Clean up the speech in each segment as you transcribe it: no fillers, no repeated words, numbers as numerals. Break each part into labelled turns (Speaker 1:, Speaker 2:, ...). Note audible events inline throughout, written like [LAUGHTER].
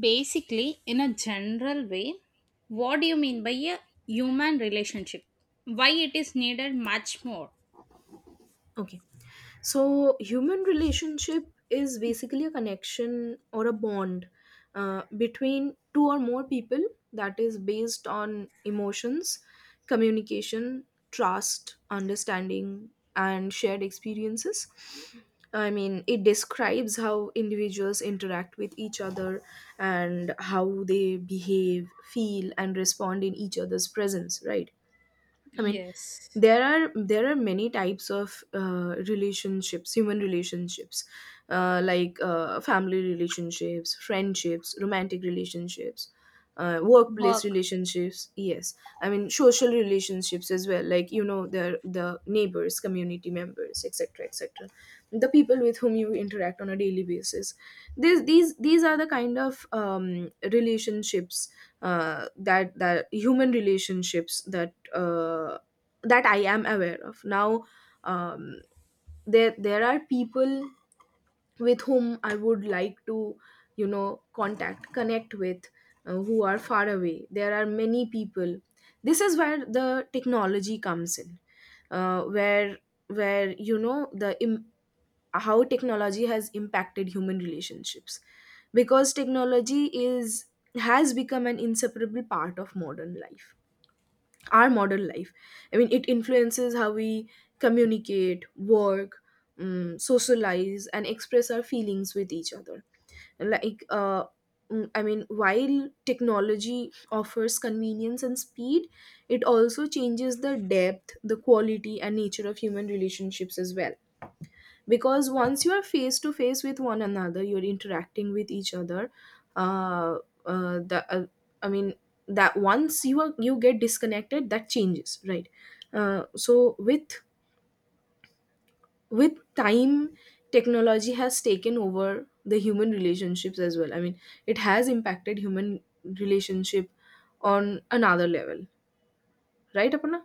Speaker 1: Basically, in a general way, what do you mean by a human relationship? Why it is needed much more?
Speaker 2: Okay. So, human relationship is basically a connection or a bond between two or more people that is based on emotions, communication, trust, understanding, and shared experiences. I mean, it describes how individuals interact with each other and how they behave, feel, and respond in each other's presence, right? I mean,
Speaker 1: Yes.
Speaker 2: there are many types of relationships, human relationships, like family relationships, friendships, romantic relationships, workplace
Speaker 1: Work.
Speaker 2: relationships. Yes, I mean social relationships as well. Like the neighbors, community members, etc., etc. The people with whom you interact on a daily basis. These are the kind of relationships that human relationships uh, that I am aware of now. Um, there are people with whom I would like to contact connect with who are far away. There are many people. This is where the technology comes in, uh, where where how technology has impacted human relationships because technology is has become an inseparable part of modern life our modern life. I mean, it influences how we communicate, work, socialize, and express our feelings with each other. Like, I mean, while technology offers convenience and speed, it also changes the depth, the quality, and nature of human relationships as well because once you are face to face with one another, you're interacting with each other. uh, uh, the, uh, I mean that once you are, you get disconnected, that changes, right? So with time, technology has taken over the human relationships as well. I mean, it has impacted human relationship on another level, right, aparna?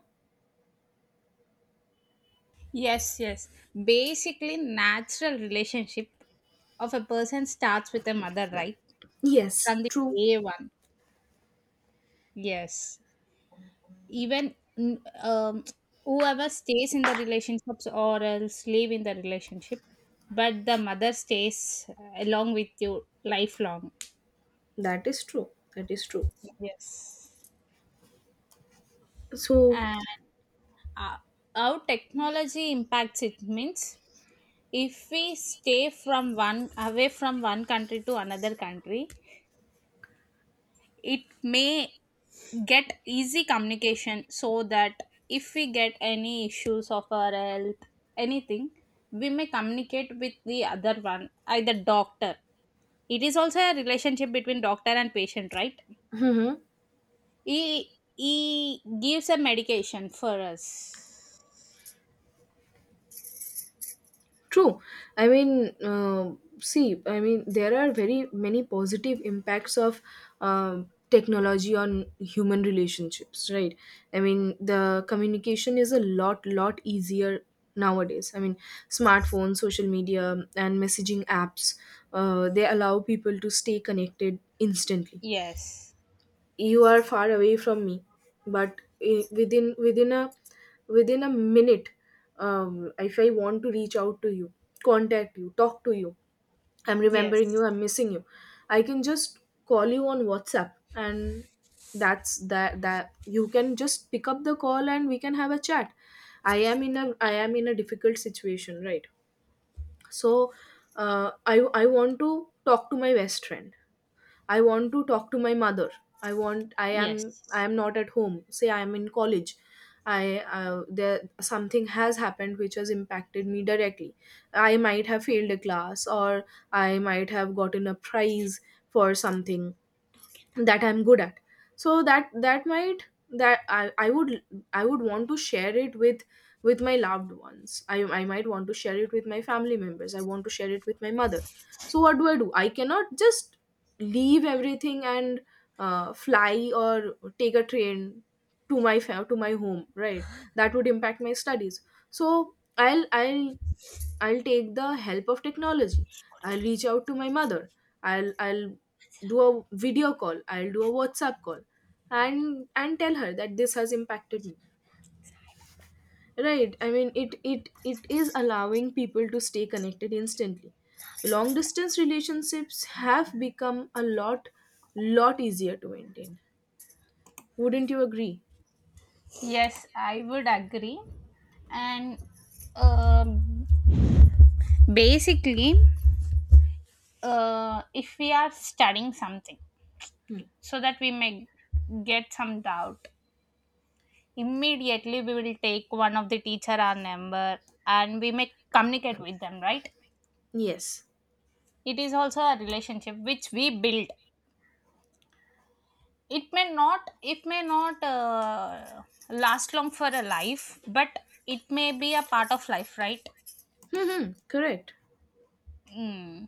Speaker 1: Yes, yes. Basically, natural relationship of a person starts with a mother, right?
Speaker 2: Yes,
Speaker 1: From the
Speaker 2: true.
Speaker 1: day one. Yes. Even whoever stays in the relationships or else live in the relationship, but the mother stays along with you lifelong.
Speaker 2: That is true. That is true.
Speaker 1: Yes.
Speaker 2: So.
Speaker 1: And uh, how technology impacts it means, if we stay from one away from one country to another country, it may get easy communication, so that if we get any issues of our health, anything, we may communicate with the other one, either doctor. It is also a relationship between doctor and patient, right?
Speaker 2: [LAUGHS] Hmm.
Speaker 1: He gives a medication for us.
Speaker 2: True. I mean, see, I mean, there are very many positive impacts of technology on human relationships, right? I mean, the communication is a lot, lot easier nowadays. I mean, smartphones, social media, and messaging apps, they allow people to stay connected instantly.
Speaker 1: Yes,
Speaker 2: You are far away from me, but within a minute. If I want to reach out to you, contact you, talk to you, I'm remembering
Speaker 1: yes.
Speaker 2: you, I'm missing you, I can just call you on WhatsApp and that you can just pick up the call and we can have a chat. I am in a difficult situation, right? So I want to talk to my best friend. I want to talk to my mother. I want. I am. I
Speaker 1: Yes.
Speaker 2: am not at home. Say I am in college. I there Something has happened which has impacted me directly. I might have failed a class, or I might have gotten a prize for something that I'm good at. So that that might that I would want to share it with my loved ones. I might want to share it with my family members. I want to share it with my mother. So what do I do? I cannot just leave everything and fly or take a train to my home, right? That would impact my studies. So I'll take the help of technology. I'll reach out to my mother. I'll do a video call. I'll do a WhatsApp call and tell her that this has impacted me. Right. I mean, it is allowing people to stay connected instantly. Long distance relationships have become a lot, lot easier to maintain. Wouldn't you agree?
Speaker 1: Yes, I would agree. And um basically, if we are studying something,
Speaker 2: Hmm.
Speaker 1: so that we may get some doubt, immediately we will take one of the teacher our number and we may communicate with them, right?
Speaker 2: Yes.
Speaker 1: It is also a relationship which we build. It may not last long for a life, but it may be a part of life, right?
Speaker 2: Hmm. Correct.
Speaker 1: Mm.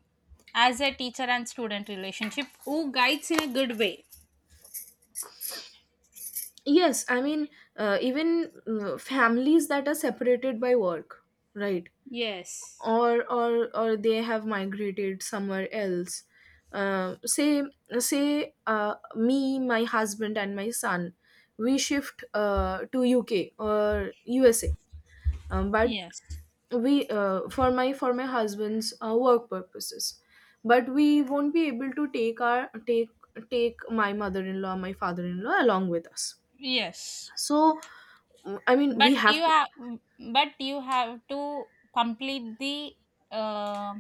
Speaker 1: As a teacher and student relationship who guides in a good way.
Speaker 2: Yes, I mean, even families that are separated by work, right?
Speaker 1: Yes,
Speaker 2: Or they have migrated somewhere else, say, me, my husband, and my son. We shift to UK or USA, but
Speaker 1: yes,
Speaker 2: we for my husband's work purposes. But we won't be able to take our take take my mother-in-law, my father-in-law along with us.
Speaker 1: yes.
Speaker 2: So, I mean, we
Speaker 1: but you
Speaker 2: have to.
Speaker 1: have but you have to complete the uh,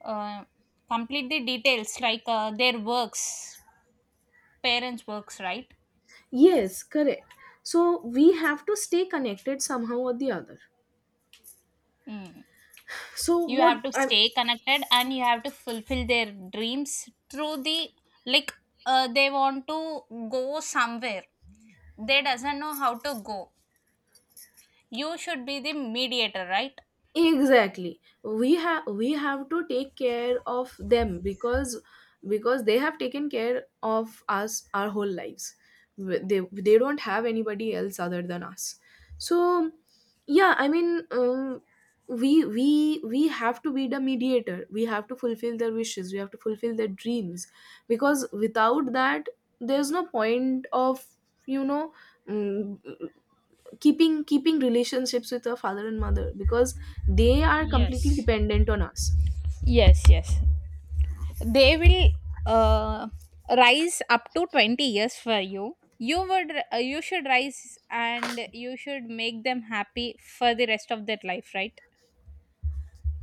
Speaker 1: uh, complete the details, like their works, parents works, right?
Speaker 2: Yes, correct. So we have to stay connected somehow or the other.
Speaker 1: Mm.
Speaker 2: So
Speaker 1: You
Speaker 2: what
Speaker 1: have to
Speaker 2: I.
Speaker 1: stay connected and you have to fulfill their dreams through the like they want to go somewhere, they doesn't know how to go. You should be the mediator, right?
Speaker 2: Exactly, we have to take care of them because they have taken care of us our whole lives. They don't have anybody else other than us. So, yeah, I mean, we have to be the mediator. We have to fulfill their wishes. We have to fulfill their dreams, because without that there's no point of you know mm, keeping relationships with our father and mother, because they are completely
Speaker 1: Yes.
Speaker 2: dependent on us.
Speaker 1: Yes, yes. They will uh, rise up to 20 years for you. You would You should rise, and you should make them happy for the rest of their life, right?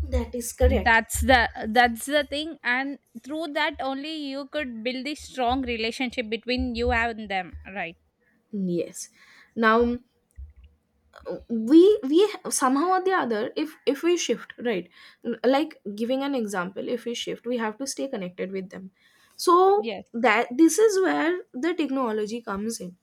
Speaker 2: That is correct.
Speaker 1: That's the thing, and through that only you could build the strong relationship between you and them, right?
Speaker 2: Yes. Now, we we somehow or the other, if we shift, right, like, giving an example, if we shift, we have to stay connected with them. So
Speaker 1: Yes,
Speaker 2: that, this is where the technology comes in.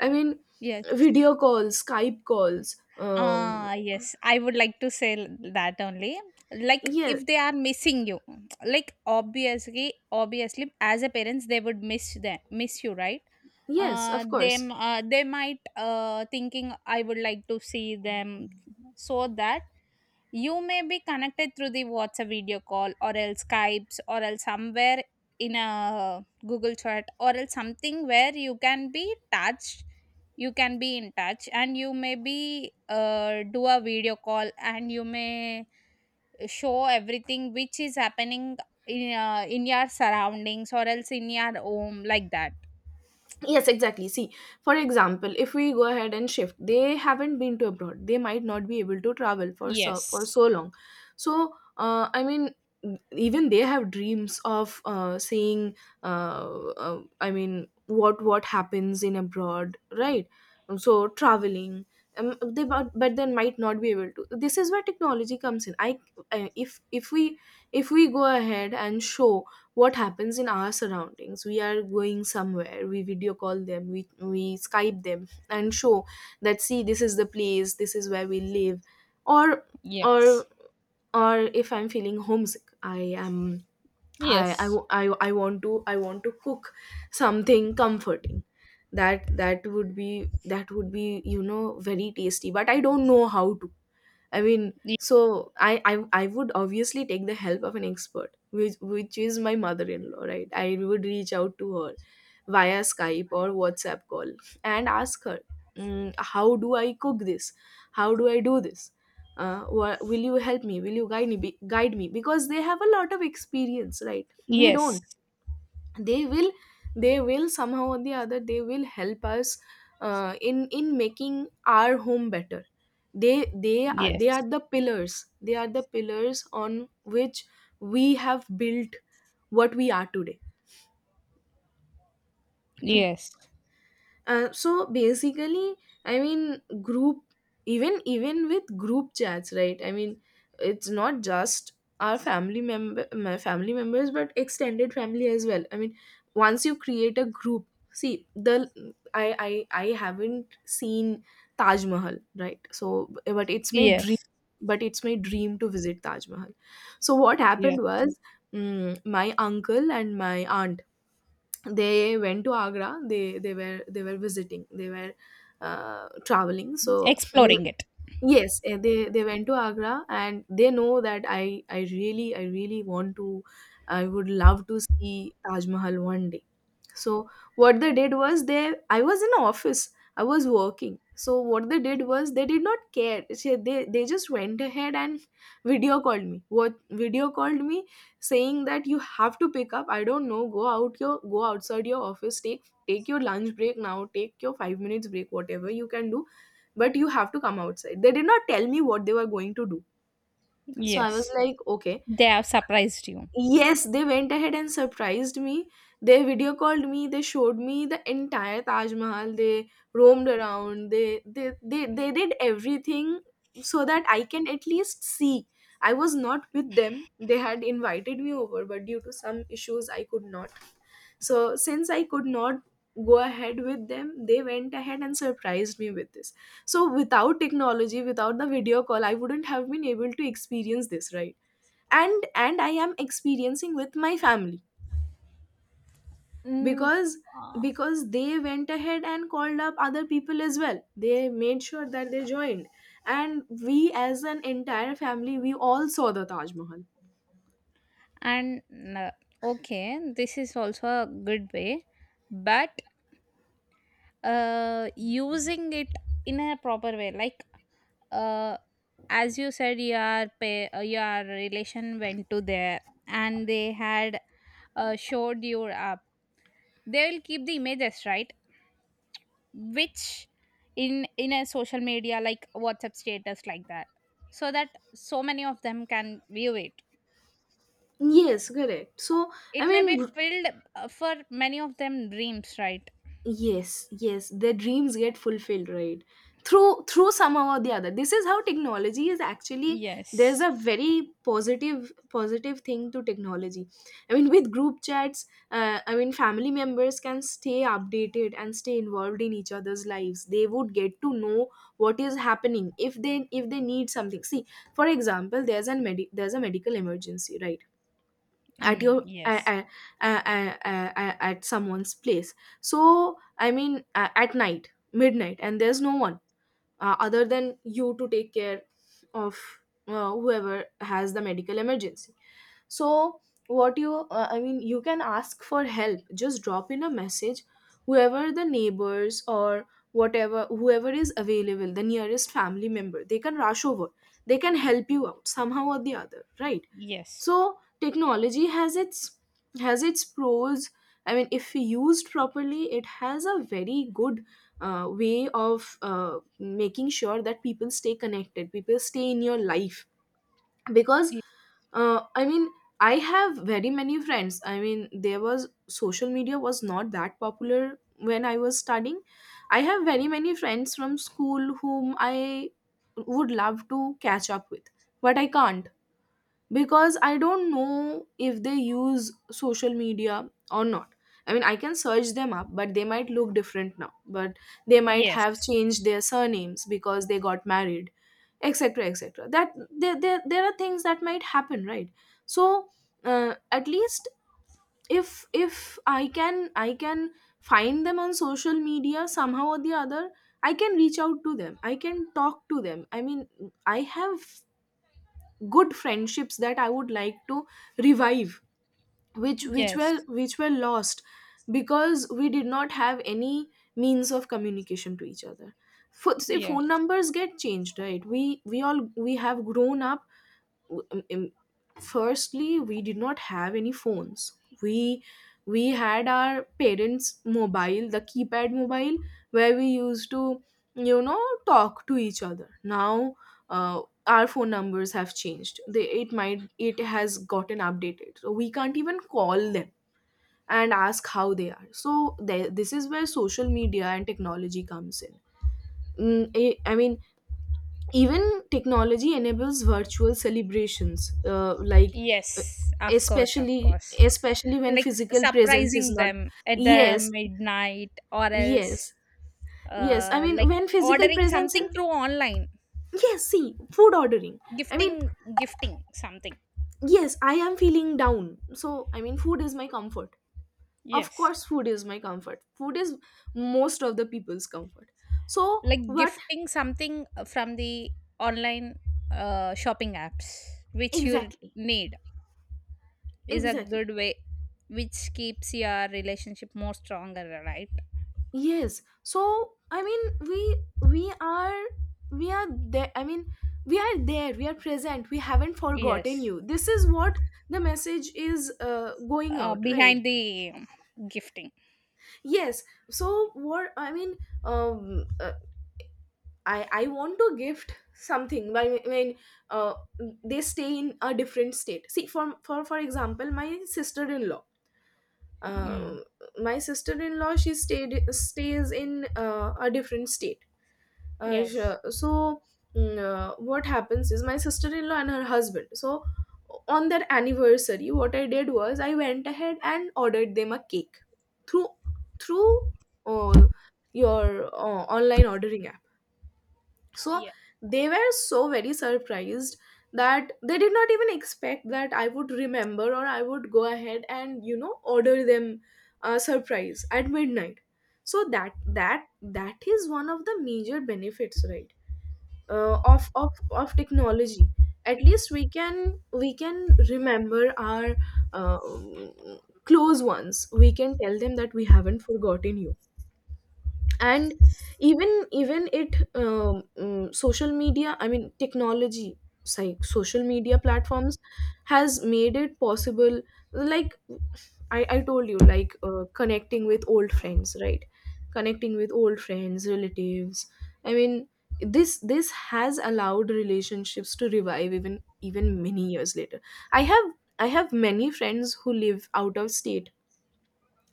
Speaker 2: I mean,
Speaker 1: yes.
Speaker 2: video calls, Skype calls, um
Speaker 1: Ah, yes, I would like to say that only. Like,
Speaker 2: yeah.
Speaker 1: if they are missing you, [TSK] like obviously, as a parents, they would miss them, miss you, right?
Speaker 2: Yes, of course.
Speaker 1: Them, they might thinking, I would like to see them, so that you may be connected through the whatsapp video call, or else skypes, or else somewhere in a google chat, or else something where you can be in touch, and you may be do a video call, and you may show everything which is happening in your surroundings, or else in your home, like that.
Speaker 2: Yes, exactly, see, for example, if we go ahead and shift, they haven't been to abroad, they might not be able to travel for for
Speaker 1: Yes,
Speaker 2: so long. So I mean, even they have dreams of seeing, uh, I mean, what happens in abroad, right? So, traveling, they, but then might not be able to. This is where technology comes in. I if we If we go ahead and show what happens in our surroundings, we are going somewhere, we video call them, we skype them and show that, see, this is the place, this is where we live. or or
Speaker 1: yes,
Speaker 2: or if I'm feeling homesick, I, I,
Speaker 1: yes.
Speaker 2: w- I I want to I want to cook something comforting that would be, very tasty, but I don't know how to. I mean,
Speaker 1: Y-
Speaker 2: so I would obviously take the help of an expert, which is my mother-in-law, right? I would reach out to her via Skype or WhatsApp call and ask her, how do I cook this? How do I do this? Will you help me? Will you guide me? Guide me? Because they have a lot of experience, right? We don't.
Speaker 1: yes.
Speaker 2: They will. They will somehow or the other. They will help us in making our home better.
Speaker 1: Yes.
Speaker 2: They are the pillars. They are the pillars on which we have built what we are today.
Speaker 1: Yes.
Speaker 2: So basically, I mean, group even with group chats, right? I mean, it's not just our family member my family members, but extended family as well, I mean. Once you create a group, see, I haven't seen taj mahal, right? So, but it's my dream.
Speaker 1: Yes.
Speaker 2: But it's my dream to visit Taj Mahal. So what
Speaker 1: Yes.
Speaker 2: happened was, my uncle and my aunt, they went to agra. They were visiting. They were traveling, so they.
Speaker 1: Exploring it.
Speaker 2: Yes, they went to Agra and they know that I would love to see Taj Mahal one day. So what they did was, they I was in office. I was working. So what they did was, they did not care. They just went ahead and video called me. What Video called me, saying that you have to pick up. I don't know. Go outside your office. Take your lunch break now. Take your 5 minutes break. Whatever you can do, but you have to come outside. They did not tell me what they were going to do. So I was
Speaker 1: Yes.
Speaker 2: like, okay.
Speaker 1: They have surprised you.
Speaker 2: Yes, they went ahead and surprised me. They video called me. They showed me the entire Taj Mahal. They roamed around. They did everything so that I can at least see. I was not with them. They had invited me over, but due to some issues, I could not. So since I could not go ahead with them, they went ahead and surprised me with this. So without technology, without the video call, I wouldn't have been able to experience this, right? And I am experiencing with my family
Speaker 1: Mm.
Speaker 2: because
Speaker 1: Uh,
Speaker 2: because they went ahead and called up other people as well. They made sure that they joined, and we, as an entire family, we all saw the Taj Mahal.
Speaker 1: and uh, okay, this is also a good way, but using it in a proper way, like uh, as you said, your relation went to there, and they had showed you up. They will keep the images, right? Which in a social media, like whatsapp status, like that, so that so many of them can view it.
Speaker 2: Yes, correct. So i
Speaker 1: It may
Speaker 2: mean
Speaker 1: be
Speaker 2: gr-
Speaker 1: filled for many of them dreams, right?
Speaker 2: yes, yes, their dreams get fulfilled, right? Through somehow or the other, this is how technology is actually. There's
Speaker 1: Yes.
Speaker 2: a very positive thing to technology. I mean, with group chats, I mean, family members can stay updated and stay involved in each other's lives. They would get to know what is happening, if they need something. See, for example, there's a there's a medical emergency, right? At
Speaker 1: Mm,
Speaker 2: your
Speaker 1: yes,
Speaker 2: at someone's place. So I mean, at night, midnight, and there's no one other than you to take care of whoever has the medical emergency. So what you, I mean, you can ask for help, just drop in a message. Whoever, the neighbors, or whatever whoever is available, the nearest family member, they can rush over. They can help you out somehow or the other, right?
Speaker 1: yes.
Speaker 2: So technology has its pros. I mean, if used properly, it has a very good way of making sure that people stay connected, people stay in your life. Because
Speaker 1: Y-
Speaker 2: I mean, I have very many friends. I mean, there was, social media was not that popular when I was studying. I have very many friends from school whom I would love to catch up with, but I can't, because I don't know if they use social media or not. I mean, I can search them up, but they might look different now. But they might have
Speaker 1: yes.
Speaker 2: changed their surnames because they got married, etc., etc. That there are things that might happen, right? So at least, if I can, I can find them on social media somehow or the other, I can reach out to them. I can talk to them. I mean, I have good friendships that I would like to revive, which were
Speaker 1: Yes.
Speaker 2: lost because we did not have any means of communication to each other. Say, phone
Speaker 1: Yes.
Speaker 2: numbers get changed, right? We all we have grown up. w- um, um, Firstly, we did not have any phones. we we had our parents' mobile, the keypad mobile, where we used to, you know talk to each other. Now uh, our phone numbers have changed. They, it might, it has gotten updated, so we can't even call them and ask how they are. So there, this is where social media and technology comes in. Mm, I I mean, even technology enables virtual celebrations, like uh,
Speaker 1: Yes, of course, of
Speaker 2: especially
Speaker 1: course.
Speaker 2: especially when
Speaker 1: Like
Speaker 2: physical presence
Speaker 1: surprising
Speaker 2: is not.
Speaker 1: them at the
Speaker 2: Yes,
Speaker 1: midnight, or else
Speaker 2: yes, yes. I mean,
Speaker 1: like
Speaker 2: when physical
Speaker 1: ordering
Speaker 2: presence
Speaker 1: something
Speaker 2: is.
Speaker 1: through online.
Speaker 2: Yes, see, food ordering. I mean,
Speaker 1: Gifting gifting something.
Speaker 2: yes, I am feeling down, so I mean, food is my comfort. Of
Speaker 1: Yes.
Speaker 2: course, food is my comfort. Food is most of the people's comfort. So
Speaker 1: Like
Speaker 2: what?
Speaker 1: gifting something from the online shopping apps which you
Speaker 2: Exactly,
Speaker 1: need is a
Speaker 2: exactly.
Speaker 1: good way, which keeps your relationship more stronger, right?
Speaker 2: Yes. So I mean, we are we are there, I mean, we are there, we are present, we haven't forgotten
Speaker 1: Yes.
Speaker 2: you. This is what the message is going out, right?
Speaker 1: Behind the gifting.
Speaker 2: Yes. So what I mean, um, uh, I want to gift something, but I mean, uh, they stay in a different state. See, for example, my sister-in-law,
Speaker 1: Mm.
Speaker 2: um, my sister-in-law, she stayed stays in a different state. uh,
Speaker 1: Yes.
Speaker 2: sh- so what happens is, my sister-in-law and her husband, so on their anniversary, what I did was, I went ahead and ordered them a cake through, through uh, your online ordering app. So
Speaker 1: Yeah.
Speaker 2: they were so very surprised that they did not even expect that I would remember, or I would go ahead and, you know, order them a surprise at midnight. So that is one of the major benefits, right? Of technology. At least we can, we can remember our close ones. We can tell them that we haven't forgotten you. And even it, social media, I mean, technology like social media platforms, has made it possible. Like, I told you, like, connecting with old friends, right? Connecting with old friends, relatives. I mean, this has allowed relationships to revive even, many years later. i have I have many friends who live out of state,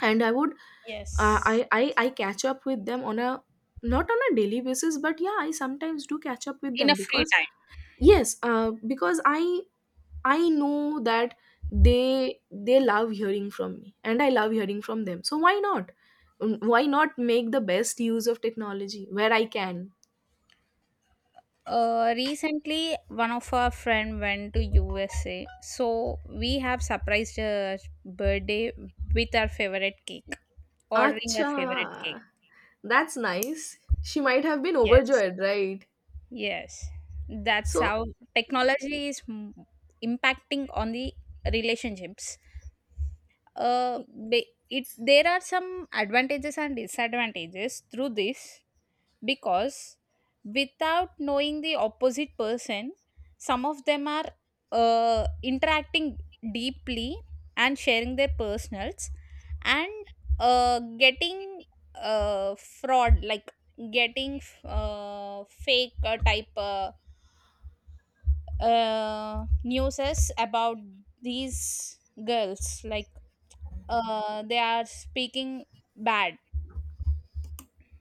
Speaker 2: and I would,
Speaker 1: Yes.
Speaker 2: I catch up with them on a, not on a daily basis, but yeah, I sometimes do catch up with
Speaker 1: In
Speaker 2: them,
Speaker 1: a free
Speaker 2: because
Speaker 1: time.
Speaker 2: yes, because I know that they love hearing from me, and I love hearing from them. So why not? Why not make the best use of technology where I can?
Speaker 1: Recently, one of our friend went to USA, so we have surprised her birthday with our favorite cake, ordering our favorite cake.
Speaker 2: Acha, that's nice. She might have been
Speaker 1: Yes,
Speaker 2: overjoyed, right?
Speaker 1: yes, that's
Speaker 2: So
Speaker 1: how technology is impacting on the relationships. Uh,
Speaker 2: y-
Speaker 1: ba- it, there are some advantages and disadvantages through this. Because without knowing the opposite person, some of them are interacting deeply and sharing their personals, and getting fraud, like getting fake type newses about these girls, like they are speaking bad.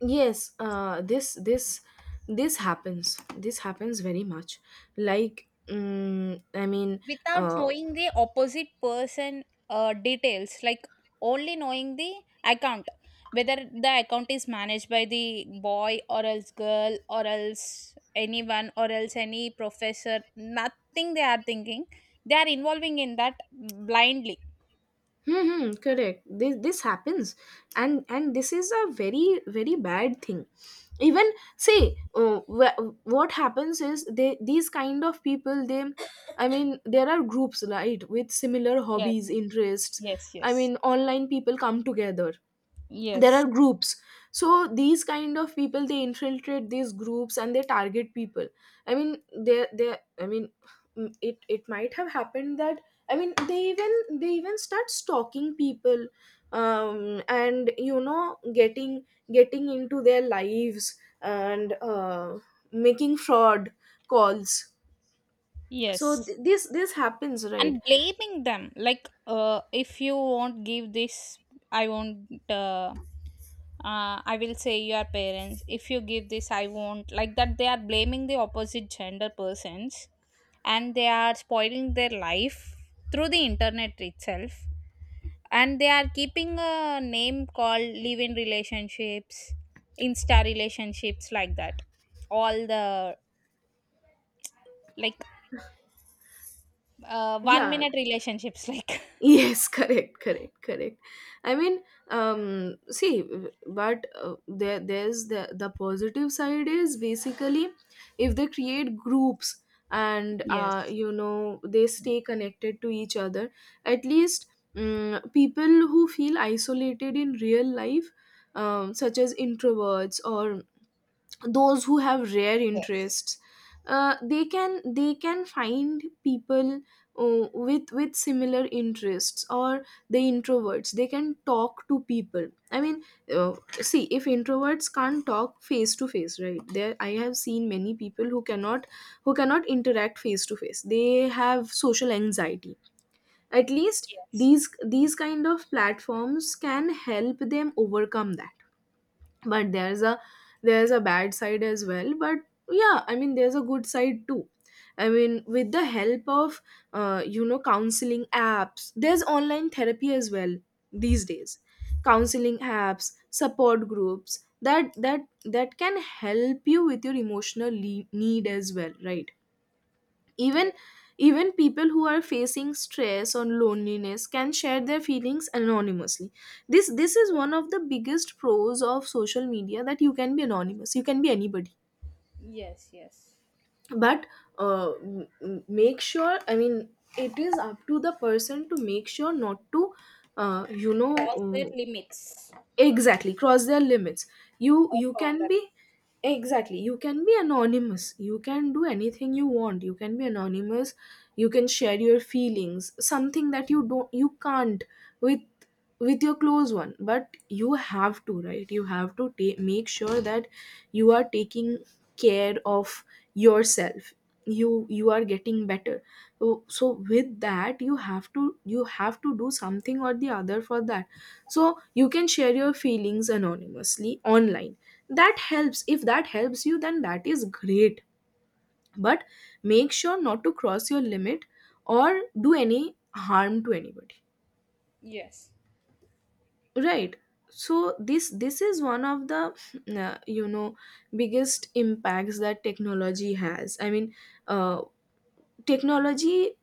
Speaker 2: yes, this happens. This happens very much. Like, I mean,
Speaker 1: Without
Speaker 2: uh,
Speaker 1: knowing the opposite person details, like only knowing the account, whether the account is managed by the boy, or else girl, or else anyone, or else any professor, nothing they are thinking, they are involving in that blindly.
Speaker 2: hmm, hmm, correct. This happens, and this is a very bad thing. Even, say, what happens is, they, these kind of people, they, I mean, there are groups, right, with similar hobbies,
Speaker 1: Yes.
Speaker 2: interests.
Speaker 1: Yes,
Speaker 2: I
Speaker 1: yes.
Speaker 2: mean, online, people come together, there are
Speaker 1: Yes.
Speaker 2: groups. So these kind of people, they infiltrate these groups and they target people. I mean, they I mean, it, it might have happened that, I mean, they even, they even start stalking people and, you know, getting into their lives and making fraud calls. So
Speaker 1: Yes.
Speaker 2: this happens, right?
Speaker 1: And blaming them, like if you won't give this, I won't, uh, I will say your parents, if you give this I won't, like that they are blaming the opposite gender persons, and they are spoiling their life through the internet itself, and they are keeping a name called live in relationships, insta relationships, like that, all the, like one
Speaker 2: Yeah.
Speaker 1: minute relationships [LAUGHS] like.
Speaker 2: Yes, [LAUGHS] correct, correct, correct. I mean, see, but there's the positive side is basically, if they create groups and,
Speaker 1: Yes.
Speaker 2: you know, they stay connected to each other. At least, people who feel isolated in real life, such as introverts, or those who have rare
Speaker 1: Yes.
Speaker 2: interests, they can, they can find people with, similar interests, or the introverts, they can talk to people. I mean, uh, see, if introverts can't talk face to face, right, there, I have seen many people who cannot, who cannot interact face to face. They have social anxiety. At least
Speaker 1: Yes.
Speaker 2: these, kind of platforms can help them overcome that. But there's a, there's a bad side as well, but yeah, I mean, there's a good side too. I mean, with the help of, you know, counseling apps, there's online therapy as well these days. Counseling apps, support groups, that can help you with your emotional need as well, right? Even,
Speaker 1: Yes.
Speaker 2: people who are facing stress or loneliness can share their feelings anonymously. This is one of the biggest pros of social media, that you can be anonymous, you can be anybody.
Speaker 1: Yes, yes.
Speaker 2: But make sure, I mean, it is up to the person to make sure not to you know,
Speaker 1: Cross their limits.
Speaker 2: exactly, cross their limits.
Speaker 1: Or
Speaker 2: You can
Speaker 1: boundaries.
Speaker 2: be, exactly, you can be anonymous, you can do anything you want, you can be anonymous. You can share your feelings, something that you don't, you can't, with, your close one. But you have to, right? You have to make sure that you are taking care of yourself, you are getting better. So, with that, you have to, you have to do something or the other for that. So you can share your feelings anonymously online. That helps. If that helps you, then that is great. But make sure not to cross your limit or do any harm to anybody,
Speaker 1: Yes.
Speaker 2: right? So this is one of the you know, biggest impacts that technology has. I mean, uh, technology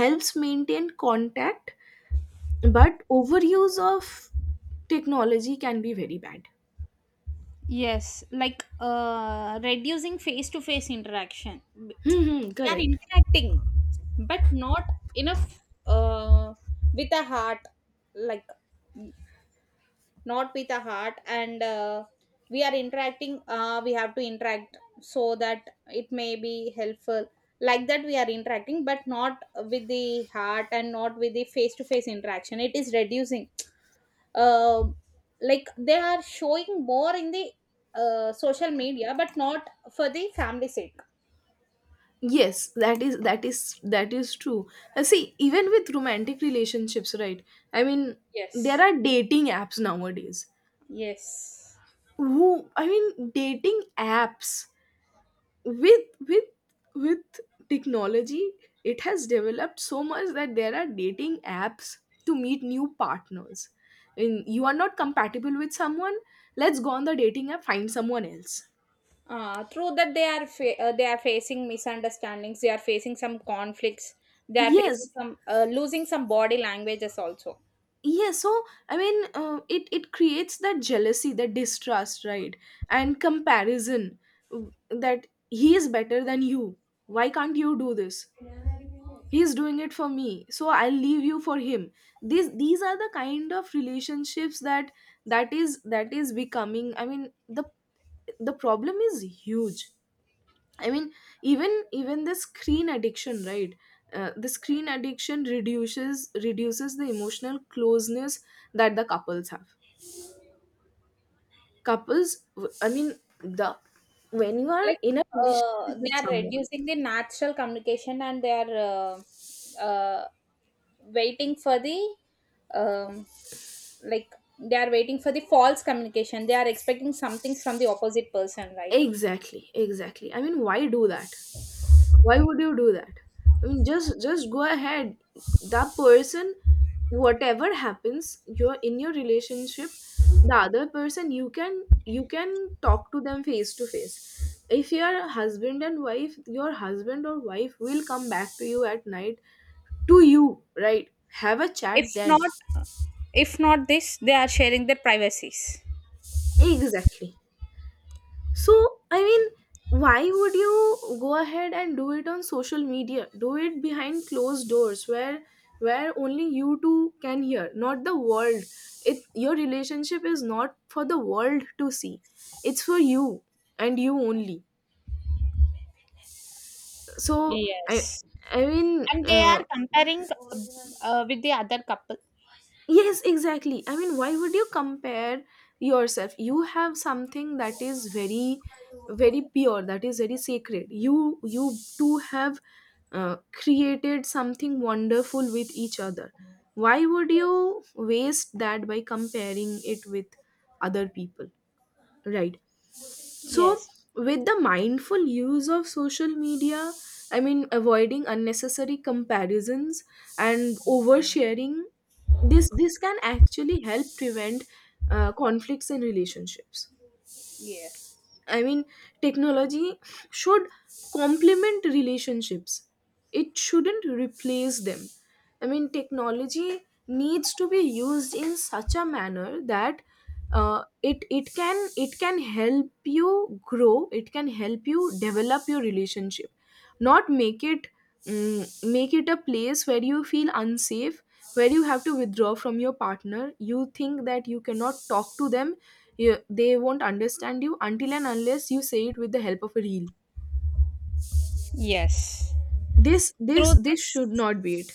Speaker 2: helps maintain contact, but overuse of technology can be very bad.
Speaker 1: Yes, like reducing face to face interaction. We
Speaker 2: Hmm, hmm,
Speaker 1: are
Speaker 2: correct.
Speaker 1: interacting, but not enough with a heart. Like, not with a heart, and we have to interact, so that it may be helpful, like that we are interacting but not with the heart, and not with the face to face interaction, it is reducing. uh, like they are showing more in the social media, but not for the family sake.
Speaker 2: Yes, that is, that is that is true. See, even with romantic relationships, right? I mean, there
Speaker 1: Yes.
Speaker 2: are dating apps nowadays,
Speaker 1: Yes.
Speaker 2: who, I mean, dating apps with, with technology, it has developed so much that there are dating apps to meet new partners. And you are not compatible with someone, let's go on the dating app, find someone else.
Speaker 1: Through that they are they are facing misunderstandings, they are facing some conflicts, they are facing
Speaker 2: Yes,
Speaker 1: some losing some body languages also.
Speaker 2: yeah. So I mean, it, it creates that jealousy, that distrust, right? And comparison, that he is better than you, why can't you do this, he's doing it for me, so I'll leave you for him. These, are the kind of relationships that, that is becoming, I mean, the problem is huge. I mean, even the screen addiction, right? The screen addiction reduces, the emotional closeness that the couples have. Couples, I mean, the when you are
Speaker 1: Like
Speaker 2: in a relationship with
Speaker 1: they are
Speaker 2: someone,
Speaker 1: reducing the natural communication, and they are waiting for the um, like they are waiting for the false communication, they are expecting something from the opposite person, right?
Speaker 2: exactly, exactly. I mean, why do that? Why would you do that? I mean, just go ahead. That person, whatever happens, you're in your relationship. The other person, you can, you can talk to them face to face. If you're husband and wife, your husband or wife will come back to you at night, to you, right? Have a
Speaker 1: if
Speaker 2: chat then.
Speaker 1: not if not this, they are sharing their privacies.
Speaker 2: Exactly. So, I mean, why would you go ahead and do it on social media? Do it behind closed doors, where only you two can hear, not the world. It, your relationship is not for the world to see. It's for you and you only. So,
Speaker 1: Yes.
Speaker 2: I mean,
Speaker 1: And they are comparing, uh, with the other couple.
Speaker 2: yes, exactly. I mean, why would you compare yourself? You have something that is very, very pure, that is very sacred. You two have created something wonderful with each other. Why would
Speaker 1: Yes.
Speaker 2: you waste that by comparing it with other people? Right. So,
Speaker 1: Yes.
Speaker 2: with the mindful use of social media, I mean, avoiding unnecessary comparisons and oversharing, this can actually help prevent conflicts in relationships.
Speaker 1: Yes.
Speaker 2: I mean, technology should complement relationships. It shouldn't replace them. I mean, technology needs to be used in such a manner that it, can, it can help you grow. It can help you develop your relationship, not make it, make it a place where you feel unsafe, where you have to withdraw from your partner. You think that you cannot talk to them, they won't understand you until and unless you say it with the help of a reel.
Speaker 1: Yes. Through
Speaker 2: This should
Speaker 1: this,
Speaker 2: not be it.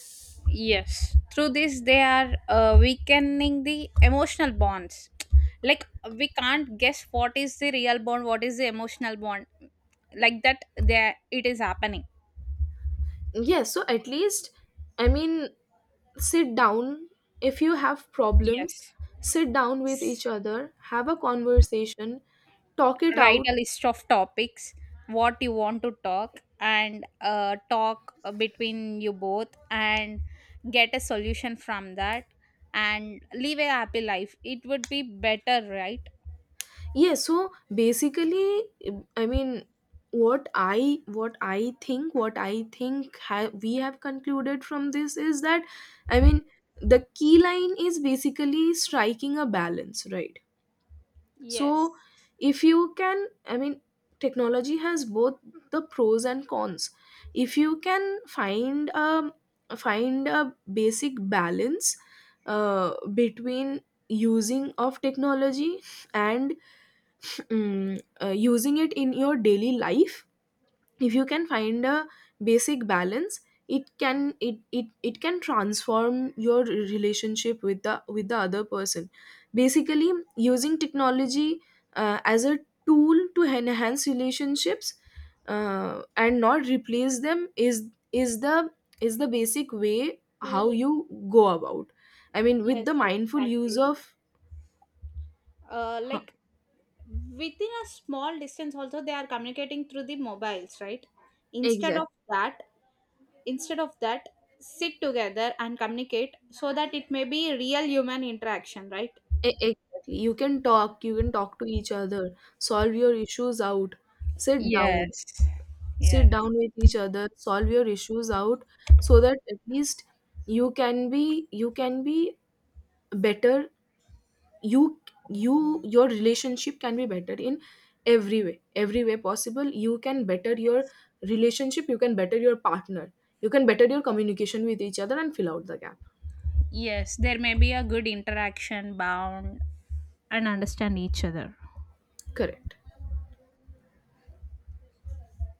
Speaker 1: yes. Through this, they are weakening the emotional bonds. Like, we can't guess what is the real bond, what is the emotional bond. Like that, there it is happening.
Speaker 2: Yes, so at least, I mean, sit down, if you have problems,
Speaker 1: Yes.
Speaker 2: sit down with each other, have a conversation, talk it
Speaker 1: Write
Speaker 2: out.
Speaker 1: a list of topics what you want to talk, and talk between you both, and get a solution from that, and live a happy life, it would be better, right?
Speaker 2: Yeah, so basically, I mean, what I think, we have concluded from this is that, I mean, the key line is basically striking a balance, right?
Speaker 1: Yes.
Speaker 2: So, if you can, I mean, technology has both the pros and cons. If you can find a, find a basic balance between using of technology and, using it in your daily life. If you can find a basic balance, it can, it can transform your relationship with the, with the other person. Basically, using technology as a tool to enhance relationships, and not replace them, is, is the basic way how
Speaker 1: L-
Speaker 2: you go about. I mean, with the
Speaker 1: Yes,
Speaker 2: mindful use
Speaker 1: exactly.
Speaker 2: of, huh,
Speaker 1: Like, within a small distance also they are communicating through the mobiles, right? Instead of
Speaker 2: exactly.
Speaker 1: that, instead of that, sit together and communicate, so that it may be real human interaction, right?
Speaker 2: Exactly. You can talk to each other, solve your issues out, sit down,
Speaker 1: Yes.
Speaker 2: sit
Speaker 1: Yes.
Speaker 2: down with each other, solve your issues out, so that at least you can be, you can be better. you you, your relationship can be better in every way, every way possible. You can better your
Speaker 1: Yes.
Speaker 2: relationship, you can better your partner, you can better your communication with each other, and fill out the gap.
Speaker 1: Yes. There may be a good interaction, bound, and understand each other.
Speaker 2: Correct.